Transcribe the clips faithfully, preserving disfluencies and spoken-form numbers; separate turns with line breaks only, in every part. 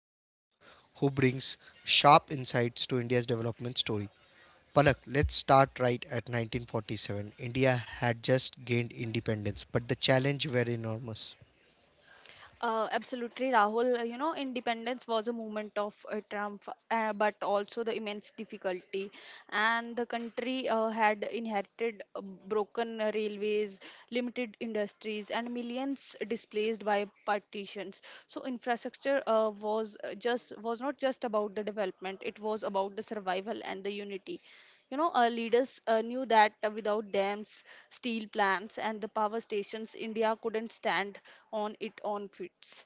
is Palak, who brings sharp insights to India's development story. Palak, let's start right at nineteen forty-seven. India had just gained independence, but the challenge were enormous.
Uh, absolutely, Rahul. Uh, You know, independence was a movement of uh, triumph, uh, but also the immense difficulty. And the country uh, had inherited uh, broken uh, railways, limited industries, and millions displaced by partitions. So infrastructure uh, was uh, just was not just about the development; it was about the survival and the unity. You know, our leaders uh, knew that uh, without dams, steel plants, and the power stations, India couldn't stand on its own feet.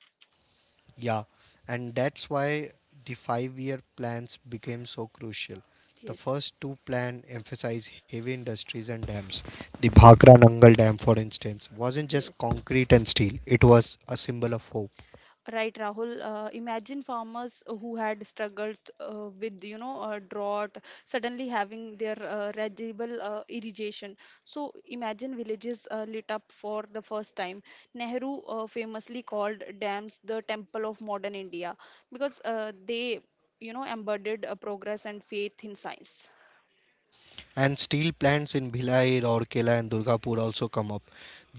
Yeah, and that's why the five year plans became so crucial. The
Yes,
first two plan emphasize heavy industries and dams. The Bhakra Nangal Dam, for instance, wasn't just
yes.
concrete and steel, it was a symbol of hope.
Right, Rahul. Uh, imagine farmers who had struggled uh, with, you know, uh, drought suddenly having their uh, reliable uh, irrigation. So imagine villages uh, lit up for the first time. Nehru uh, famously called dams the temple of modern India because uh, they, you know, embodied uh, progress and faith in science.
And steel plants in Bhilai, Rourkela, and Durgapur also come up.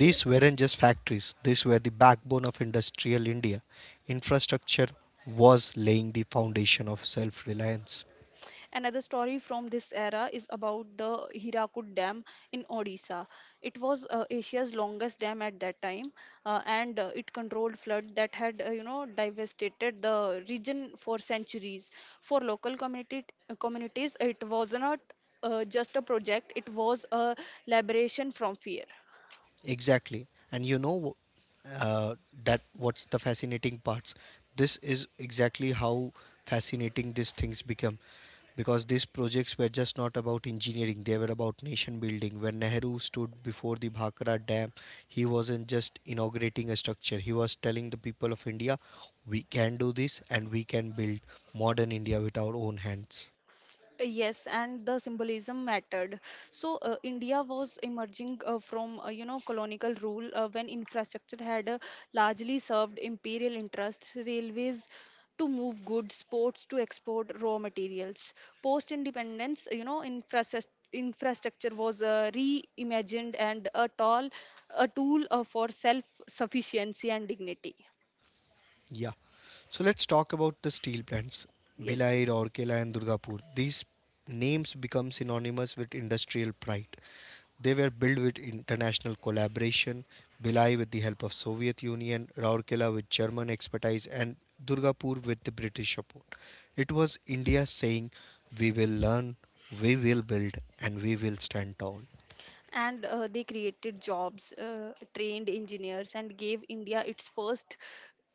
Yeah.
weren't just factories, these were the backbone of industrial India. Infrastructure was laying the foundation of self reliance.
Another story from this era is about the Hirakud Dam in Odisha. It was uh, Asia's longest dam at that time, uh, and uh, it controlled flood that had, uh, you know, devastated the region for centuries. For local community, uh, communities, it was not uh, just a project; it was a liberation from fear.
Exactly. And you know uh, that what's the fascinating parts? This is exactly how fascinating these things become because these projects were just not about engineering, they were about nation building. When Nehru stood before the Bhakra Dam, he wasn't just inaugurating a structure, he was telling the people of India, we can do this and we can build modern India with our own hands.
Yes, and the symbolism mattered. So uh, India was emerging uh, from uh, you know colonial rule uh, when infrastructure had uh, largely served imperial interests, railways to move goods, ports to export raw materials. Post independence, you know, infrastructure infrastructure was uh, reimagined and a tall a tool uh, for self sufficiency and dignity.
Yeah. So let's talk about the steel plants, Bhilai,
Yes.
Rourkela and Durgapur. These names become synonymous with industrial pride. They were built with international collaboration, Bhilai with the help of Soviet Union, Rourkela with German expertise and Durgapur with the British support. It was India saying, we will learn, we will build and we will stand tall.
and uh, they created jobs, uh, trained engineers, and gave India its first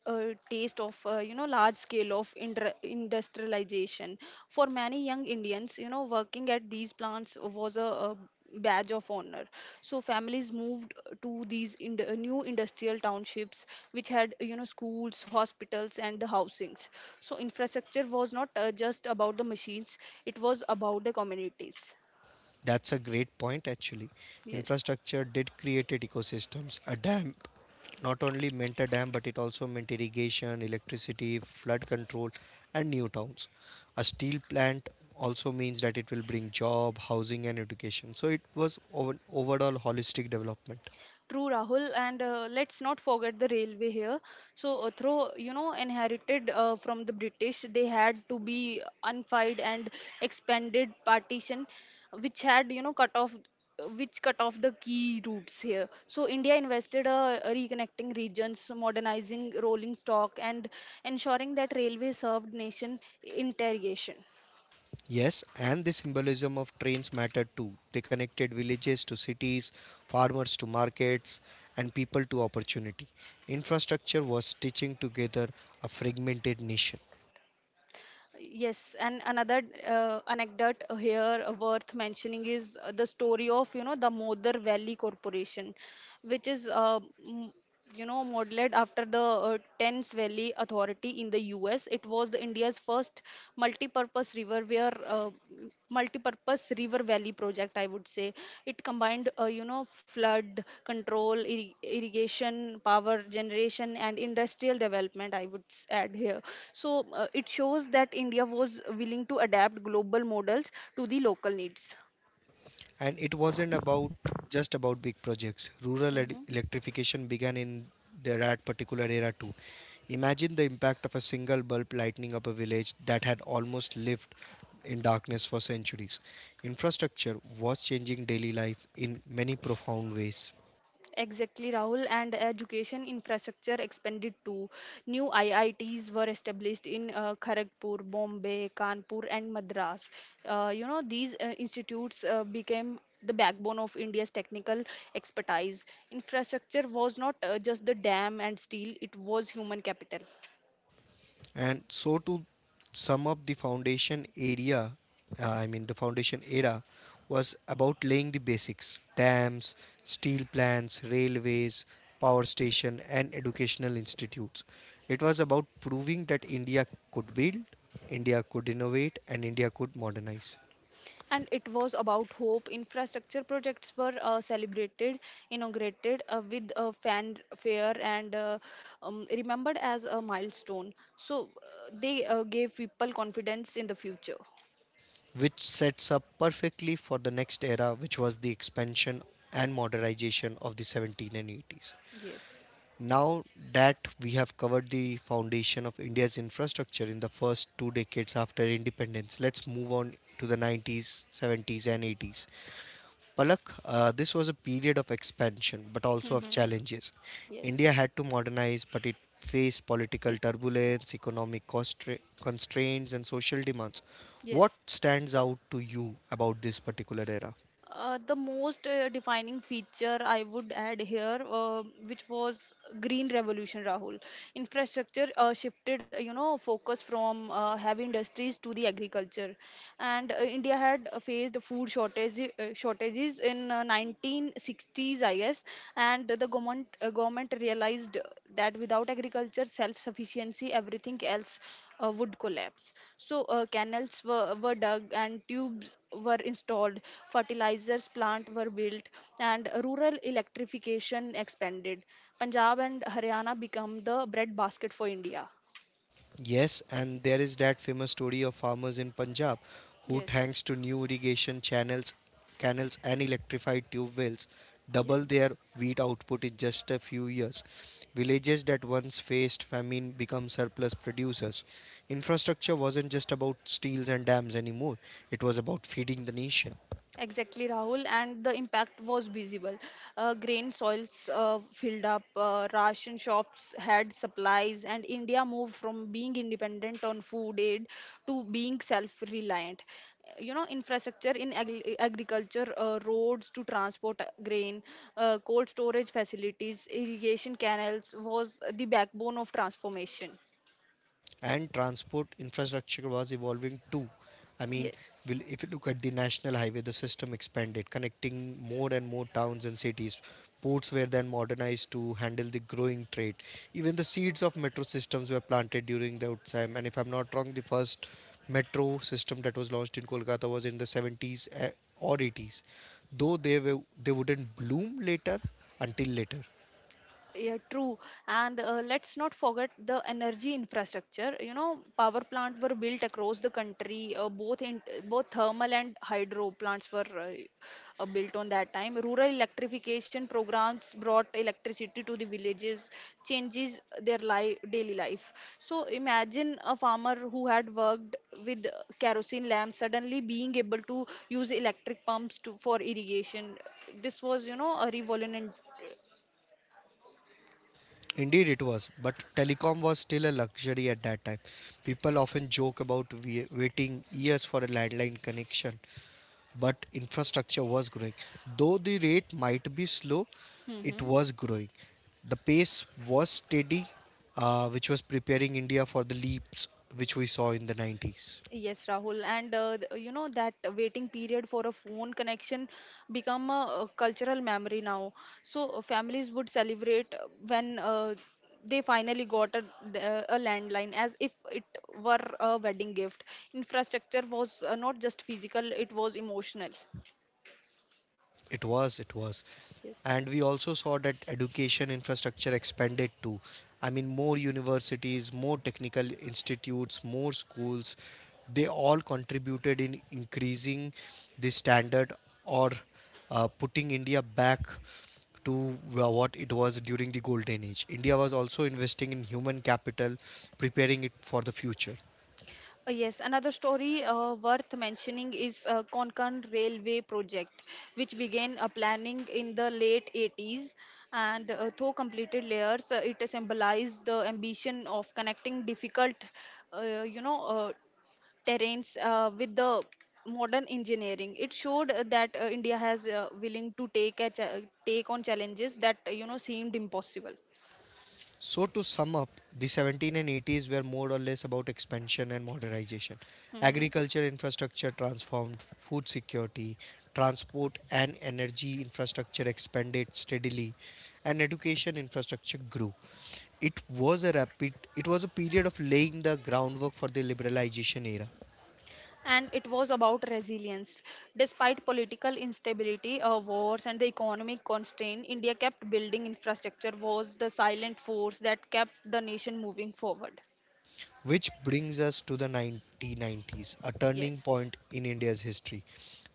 uh, taste of uh, you know large scale of indra- industrialization. For many young Indians, you know, working at these plants was a, a badge of honor. So families moved to these ind- uh, new industrial townships, which had you know schools, hospitals, and housings. So infrastructure was not uh, just about the machines; it was about the communities.
That's a great point actually.
Yes.
Infrastructure did create ecosystems. A dam not only meant a dam but it also meant irrigation, electricity, flood control, and new towns. A steel plant also means that it will bring job, housing, and education, so it was ov- overall holistic development.
True, Rahul, and uh, let's not forget the railway here. So, uh, through you know, inherited uh, from the British, they had to be unified and expanded partition, which had you know cut off, which cut off the key routes here. So, India invested uh, reconnecting regions, modernizing rolling stock, and ensuring that railway served nation integration.
Yes, and the symbolism of trains mattered too. They connected villages to cities, farmers to markets, and people to opportunity. Infrastructure was stitching together a fragmented nation.
Yes, and another uh, anecdote here worth mentioning is uh, the story of you know the Modar Valley Corporation, which is uh, m- you know modeled after the uh, Thames Valley Authority in the U S. It was India's first multi-purpose river where uh, uh, multi-purpose river valley project, I would say. It combined uh, you know flood control irri- irrigation, power generation, and industrial development, I would s- add here. So uh, it shows that India was willing to adapt global models to the local needs.
And it wasn't about just about big projects. Rural ed-
Mm-hmm.
electrification began in the- that particular era too. Imagine the impact of a single bulb lighting up a village that had almost lived in darkness for centuries. Infrastructure was changing daily life in many profound ways.
Exactly, Rahul, and education infrastructure expanded too. New I I Ts were established in uh, Kharagpur, Bombay, Kanpur, and Madras. Uh, you know, these uh, institutes uh, became the backbone of India's technical expertise. Infrastructure was not uh, just the dam and steel, it was human capital.
And so to sum up the foundation area, uh, I mean the foundation era, was about laying the basics: dams, steel plants, railways, power station, and educational institutes. It was about proving that India could build, India could innovate, and India could modernize,
And it was about hope. Infrastructure projects were uh, celebrated, inaugurated uh, with uh, fanfare, and uh, um, remembered as a milestone. So uh, they uh, gave people confidence in the future.
which sets up perfectly for the next era, which was the expansion and modernization of the seventeen and eighties.
Yes.
Now that we have covered the foundation of India's infrastructure in the first two decades after independence, let's move on to the nineties, seventies, and eighties. Palak, uh, this was a period of expansion but also of
Hmm.
challenges. India
Yes.
had to modernize, but it faced political turbulence, economic constra- constraints, and social demands. What
Yes.
stands out to you about this particular era?
Uh, the most uh, defining feature, I would add here, uh, which was green revolution, Rahul. Infrastructure uh, shifted, you know, focus from uh, heavy industries to the agriculture, and uh, India had uh, faced food shortage, uh, shortages in uh, nineteen sixties, I guess, and the government, uh, government realized that without agriculture self-sufficiency, everything else uh, would collapse. So uh, canals were, were dug and tubes were installed, fertilizers plant were built, and rural electrification expanded. Punjab and Haryana become the breadbasket for India.
Yes, and there is that famous story of farmers in Punjab who,
Yes,
thanks to new irrigation channels, canals, and electrified tube wells, double their
yes.
wheat output in just a few years. Villages that once faced famine become surplus producers. Infrastructure wasn't just about steels and dams anymore, it was about feeding the nation.
Exactly, Rahul, and the impact was visible. Uh, grain soils uh, filled up, uh, ration shops had supplies, and India moved from being independent on food aid to being self reliant. You know, infrastructure in agri- agriculture, uh, roads to transport uh, grain, uh, cold storage facilities, irrigation canals was the backbone of transformation.
And transport infrastructure was evolving too. I mean,
Yes.
will if you look at the national highway, the system expanded, connecting more and more towns and cities. Ports were then modernized to handle the growing trade. Even the seeds of metro systems were planted during that time. And if I'm not wrong, the first metro system that was launched in Kolkata was in the seventies eh, or eighties. Though they were, they wouldn't bloom later until later.
Yeah, true. And uh, let's not forget the energy infrastructure. You know, power plants were built across the country. Uh, both in both thermal and hydro plants were uh, uh, built on that time. Rural electrification programs brought electricity to the villages, changes their life, daily life. So imagine a farmer who had worked with kerosene lamps suddenly being able to use electric pumps to for irrigation. This was, you know, a revolution.
Indeed, it was, but telecom was still a luxury at that time. People often joke about wai- waiting years for a landline connection, but infrastructure was growing. Though the rate might be slow, it was growing. The pace was steady, uh, which was preparing India for the leaps which we saw in the nineties.
Yes, Rahul, and uh, th- you know that waiting period for a phone connection become a, uh cultural memory now. So uh, families would celebrate uh, when uh, they finally got a, d- uh, a landline as if it were a wedding gift. Infrastructure was uh, not just physical; it was emotional.
It was, it was. And
Yes.
we also saw that education infrastructure expanded too. I mean, more universities, more technical institutes, more schools. They all contributed in increasing the standard, or uh, putting India back to wh- what it was during the golden age. India was also investing in human capital, preparing it for the future.
Uh, Yes, another story uh, worth mentioning is uh, Konkan Railway project, which began uh, planning in the late eighties and uh, though completed layers, uh, it symbolized the ambition of connecting difficult, uh, you know, uh, terrains uh, with the modern engineering. It showed uh, that uh, India has uh, willing to take a cha- take on challenges that uh, you know seemed impossible.
So to sum up, the seventeen and eighties were more or less about expansion and modernization.
Mhm.
Agriculture infrastructure transformed, food security, transport and energy infrastructure expanded steadily, and education infrastructure grew. It was a rapid it was a period of laying the groundwork for the liberalization era.
And it was about resilience. Despite political instability, uh, wars, and the economic constraint, India kept building infrastructure, was the silent force that kept the nation moving forward.
Which brings us to the nineteen nineties, a turning
Yes,
point in India's history.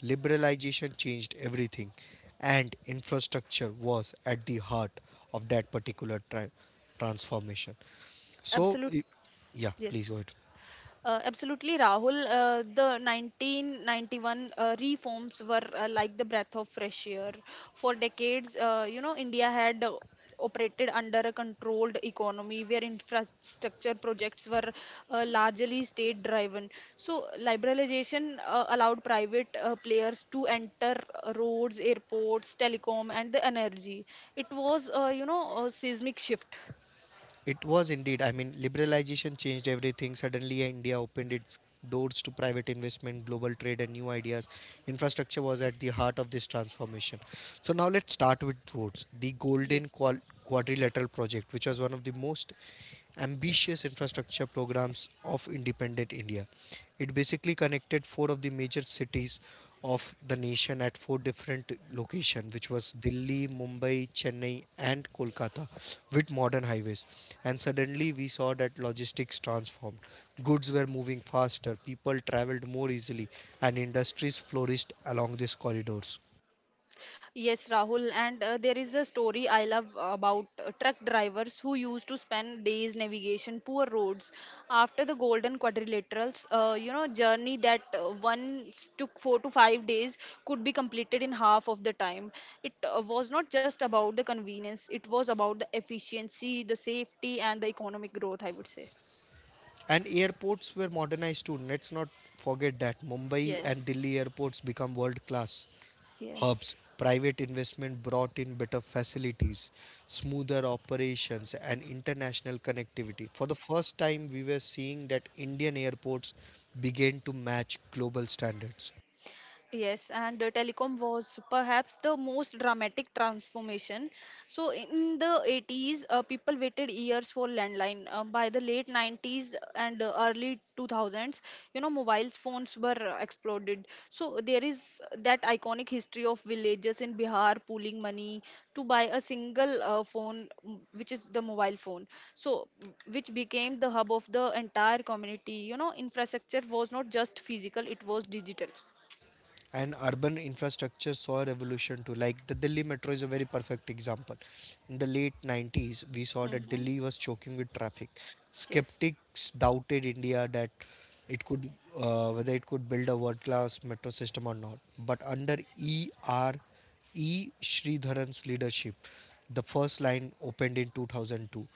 Liberalization changed everything, and infrastructure was at the heart of that particular tra- transformation. So,
absolute.
y- yeah, please go
Yes.
ahead.
Uh, absolutely, Rahul. Uh, the nineteen ninety-one uh, reforms were uh, like the breath of fresh air. For decades, uh, you know, India had uh, operated under a controlled economy where infrastructure projects were uh, largely state driven. So, liberalization uh, allowed private uh, players to enter uh, roads, airports, telecom, and the energy. It was, uh, you know, a seismic shift.
It was indeed. I mean, liberalization changed everything. Suddenly, India opened its doors to private investment, global trade, and new ideas. Infrastructure was at the heart of this transformation. So, now let's start with roads. The Golden
Yes.
Qual- Quadrilateral Project, which was one of the most ambitious infrastructure programs of independent India. It basically connected four of the major cities of the nation at four different locations, which was Delhi, Mumbai, Chennai, and Kolkata, with modern highways. And suddenly we saw that logistics transformed. Goods were moving faster, people traveled more easily, and industries flourished along these corridors.
Yes, Rahul, and uh, there is a story I love about uh, truck drivers who used to spend days navigation poor roads after the Golden Quadrilaterals. Uh, you know, journey that uh, once took four to five days could be completed in half of the time. It uh, was not just about the convenience; it was about the efficiency, the safety, and the economic growth, I would say.
And airports were modernized too. Let's not forget that Mumbai and Delhi
Yes.
airports become world class hubs.
Yes.
Private investment brought in better facilities, smoother operations, and international connectivity. For the first time, we were seeing that Indian airports began to match global standards.
Yes, and uh, telecom was perhaps the most dramatic transformation. So, in the eighties, uh, people waited years for landline. Uh, by the late nineties and uh, early two thousands, you know, mobile phones were uh, exploded. So, there is that iconic history of villagers in Bihar pooling money to buy a single uh, phone, mm, which is the mobile phone. So, which became the hub of the entire community. You know, infrastructure was not just physical, it was digital.
And urban infrastructure saw a revolution too. Like, the Delhi metro is a very perfect example. In the late nineties, we saw that
Hmm.
Delhi was choking with traffic.
Yes,
Skeptics doubted India, that it could uh, whether it could build a world class metro system or not. But under E R E E Sridharan's leadership, the first line opened in two thousand two,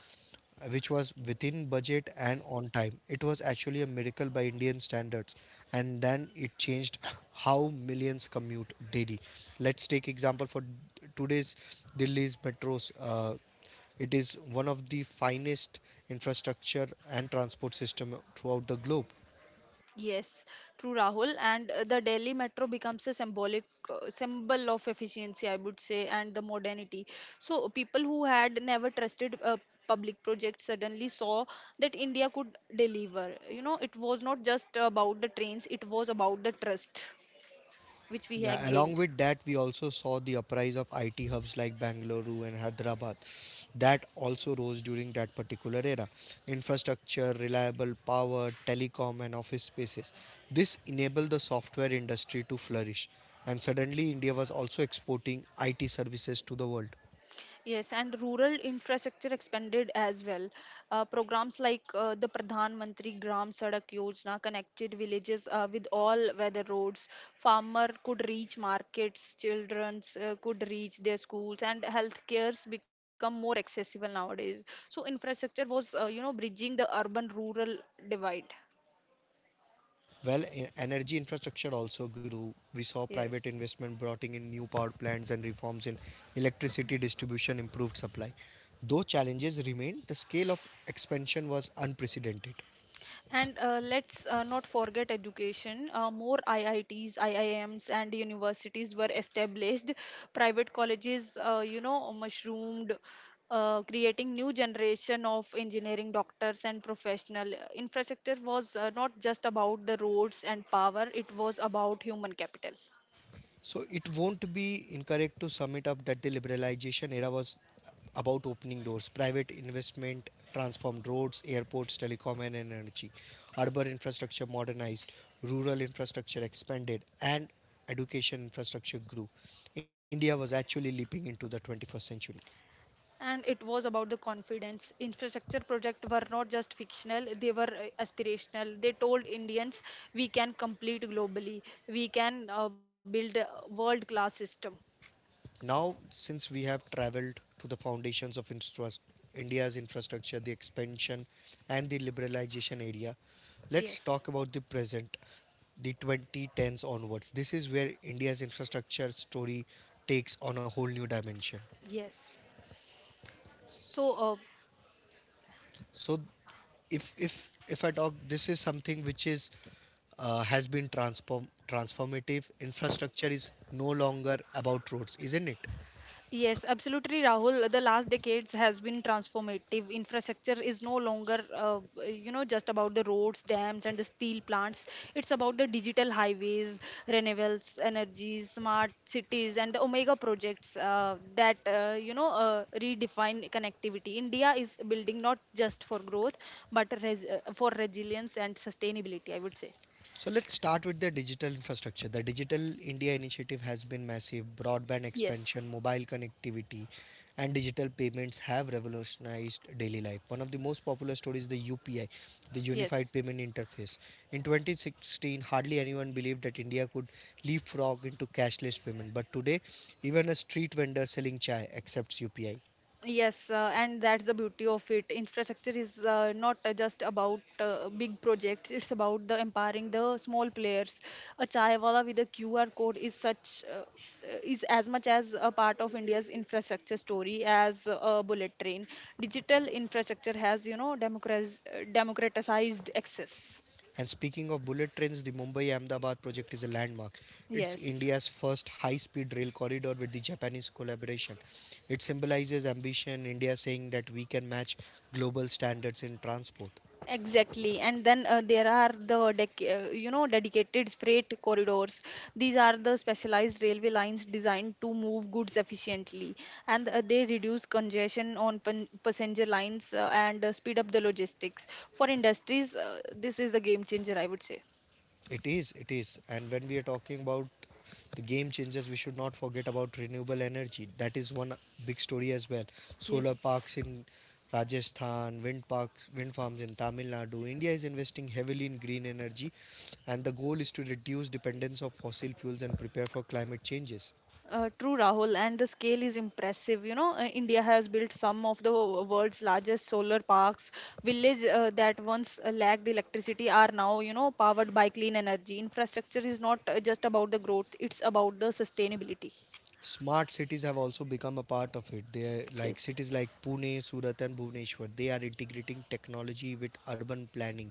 which was within budget and on time. It was actually a miracle by Indian standards. And then it changed how millions commute daily. Let's take example for today's Delhi's metros. Uh, it is one of the finest infrastructure and transport system throughout the globe.
yes, true, Rahul. And uh, the Delhi Metro becomes a symbolic uh, symbol of efficiency, I would say, and the modernity. So people who had never trusted uh, public projects suddenly saw that India could deliver. You know, it was not just about the trains; it was about the trust which we had
Yeah,
gained.
along with that, we also saw the uprise of I T hubs like Bangalore and Hyderabad. That also rose during that particular era. Infrastructure, reliable power, telecom, and office spaces. This enabled the software industry to flourish. And suddenly, India was also exporting I T services to the world.
Yes, and rural infrastructure expanded as well. Uh, programs like uh, the Pradhan Mantri Gram Sadak Yojana connected villages uh, with all weather roads. Farmer could reach markets, childrens uh, could reach their schools, and healthcares become more accessible nowadays. So infrastructure was, uh, you know, bridging the urban-rural divide.
Well, e- energy infrastructure also grew. We saw private
Yes.
investment brought in new power plants, and reforms in electricity distribution improved supply. Though challenges remained, the scale of expansion was unprecedented.
And uh, let's uh, not forget education. Uh, more I I Ts, I I Ms, and universities were established. Private colleges, uh, you know, mushroomed, uh, creating new generation of engineering doctors and professional. Infrastructure was uh, not just about the roads and power; it was about human capital.
So it won't be incorrect to sum it up that the liberalization era was about opening doors. Private investment transformed roads, airports, telecom, and energy. Urban infrastructure modernized, rural infrastructure expanded, and education infrastructure grew. India was actually leaping into the twenty-first century.
And it was about the confidence. Infrastructure projects were not just fictional, they were uh, aspirational. They told Indians, we can complete globally, we can uh, build a world class system.
Now, since we have traveled to the foundations of infras- India's infrastructure, the expansion and the liberalization area, let's
Yes,
talk about the present, the twenty tens onwards. This is where India's infrastructure story takes on a whole new dimension.
yes. So, uh,
So, if if if I talk, this is something which is, uh, has been transform transformative. Infrastructure is no longer about roads, isn't it?
Yes, absolutely, Rahul. The last decades has been transformative. Infrastructure is no longer, uh, you know, just about the roads, dams, and the steel plants. It's about the digital highways, renewables, energies, smart cities, and the Omega projects uh, that, uh, you know, uh, redefine connectivity. India is building not just for growth, but res- uh, for resilience and sustainability, I would say.
So let's start with the digital infrastructure. The Digital India initiative has been massive. Broadband
Yes,
expansion, mobile connectivity, and digital payments have revolutionized daily life. One of the most popular stories is the U P I, the Unified
yes.
Payment Interface. In twenty sixteen, hardly anyone believed that India could leapfrog into cashless payment, but today, even a street vendor selling chai accepts U P I.
Yes, uh, and that's the beauty of it. Infrastructure is uh, not uh, just about uh, big projects, it's about the empowering the small players. A chai wala with a Q R code is such uh, uh, is as much as a part of India's infrastructure story as a bullet train. Digital infrastructure has, you know, democratiz- uh, democratized access.
And speaking of bullet trains, the Mumbai Ahmedabad project is a landmark. It's
Yes.
India's first high speed rail corridor with the Japanese collaboration. It symbolizes ambition, India saying that we can match global standards in transport.
Exactly, and then uh, there are the dec- uh, you know dedicated freight corridors. These are the specialized railway lines designed to move goods efficiently, and uh, they reduce congestion on pan- passenger lines uh, and uh, speed up the logistics. For industries, uh, this is the game changer, I would say.
It is, it is. And when we are talking about the game changers, we should not forget about renewable energy. That is one big story as well. Solar
Yes.
parks in Rajasthan, wind parks, wind farms in Tamil Nadu. India is investing heavily in green energy, and the goal is to reduce dependence of fossil fuels and prepare for climate changes.
Uh, true, Rahul, and the scale is impressive. You know, uh, India has built some of the wo- world's largest solar parks. Villages uh, that once uh, lacked electricity are now, you know, powered by clean energy. Infrastructure is not uh, just about the growth; it's about the sustainability.
Smart cities have also become a part of it. They are like
Yes.
cities like Pune, Surat, and Bhubaneswar. They are integrating technology with urban planning.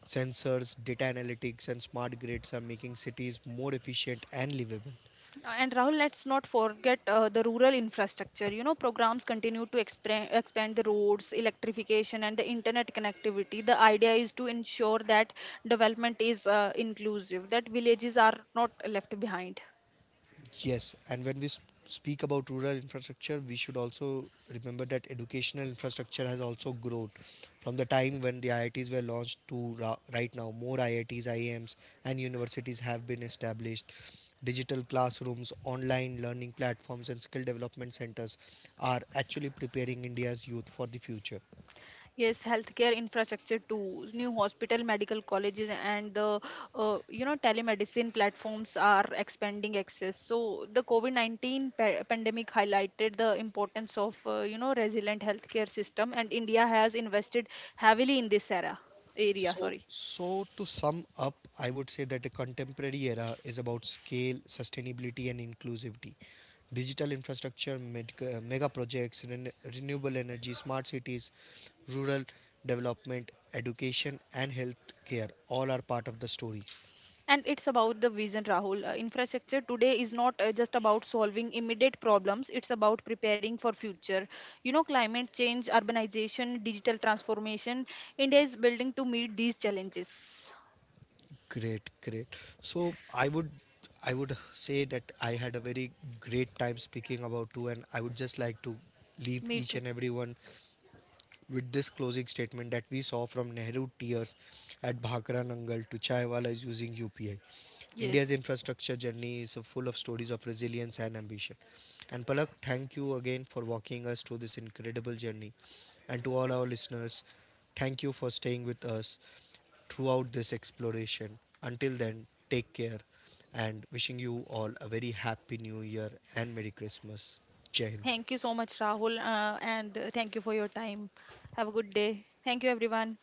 Sensors, data analytics, and smart grids are making cities more efficient and livable.
And Rahul, let's not forget uh, the rural infrastructure. You know, programs continue to expand, expand the roads, electrification, and the internet connectivity. The idea is to ensure that development is uh, inclusive, that villages are not left behind.
Yes, and when we s- speak about rural infrastructure, we should also remember that educational infrastructure has also grown from the time when the I I Ts were launched to ra- right now. More I I Ts, I I Ms, and universities have been established. Digital classrooms, online learning platforms, and skill development centers are actually preparing India's youth for the future.
Yes, healthcare infrastructure too. New hospital, medical colleges, and the uh, you know telemedicine platforms are expanding access. So the COVID nineteen pa- pandemic highlighted the importance of uh, you know resilient healthcare system, and India has invested heavily in this era area.
So,
Sorry.
so to sum up, I would say that a contemporary era is about scale, sustainability, and inclusivity. Digital infrastructure, med- uh, mega projects, ren- renewable energy, smart cities, rural development, education, and healthcare all are part of the story.
And it's about the vision, Rahul. Uh, infrastructure today is not uh, just about solving immediate problems, it's about preparing for future, you know, climate change, urbanization, digital transformation. India is building to meet these challenges.
Great, great. So, I would I would say that I had a very great time speaking about two, and I would just like to leave
Me
each
too.
and everyone with this closing statement that we saw from Nehru tears at Bhakra Nangal to Chaiwala is using U P I, India's
Yes,
infrastructure journey is full of stories of resilience and ambition. And Palak, thank you again for walking us through this incredible journey. And to all our listeners, thank you for staying with us throughout this exploration. Until then, take care, and wishing you all a very happy new year and Merry Christmas. Jai Hind.
thank you so much, Rahul. Uh, and uh, Thank you for your time. Have a good day. Thank you everyone.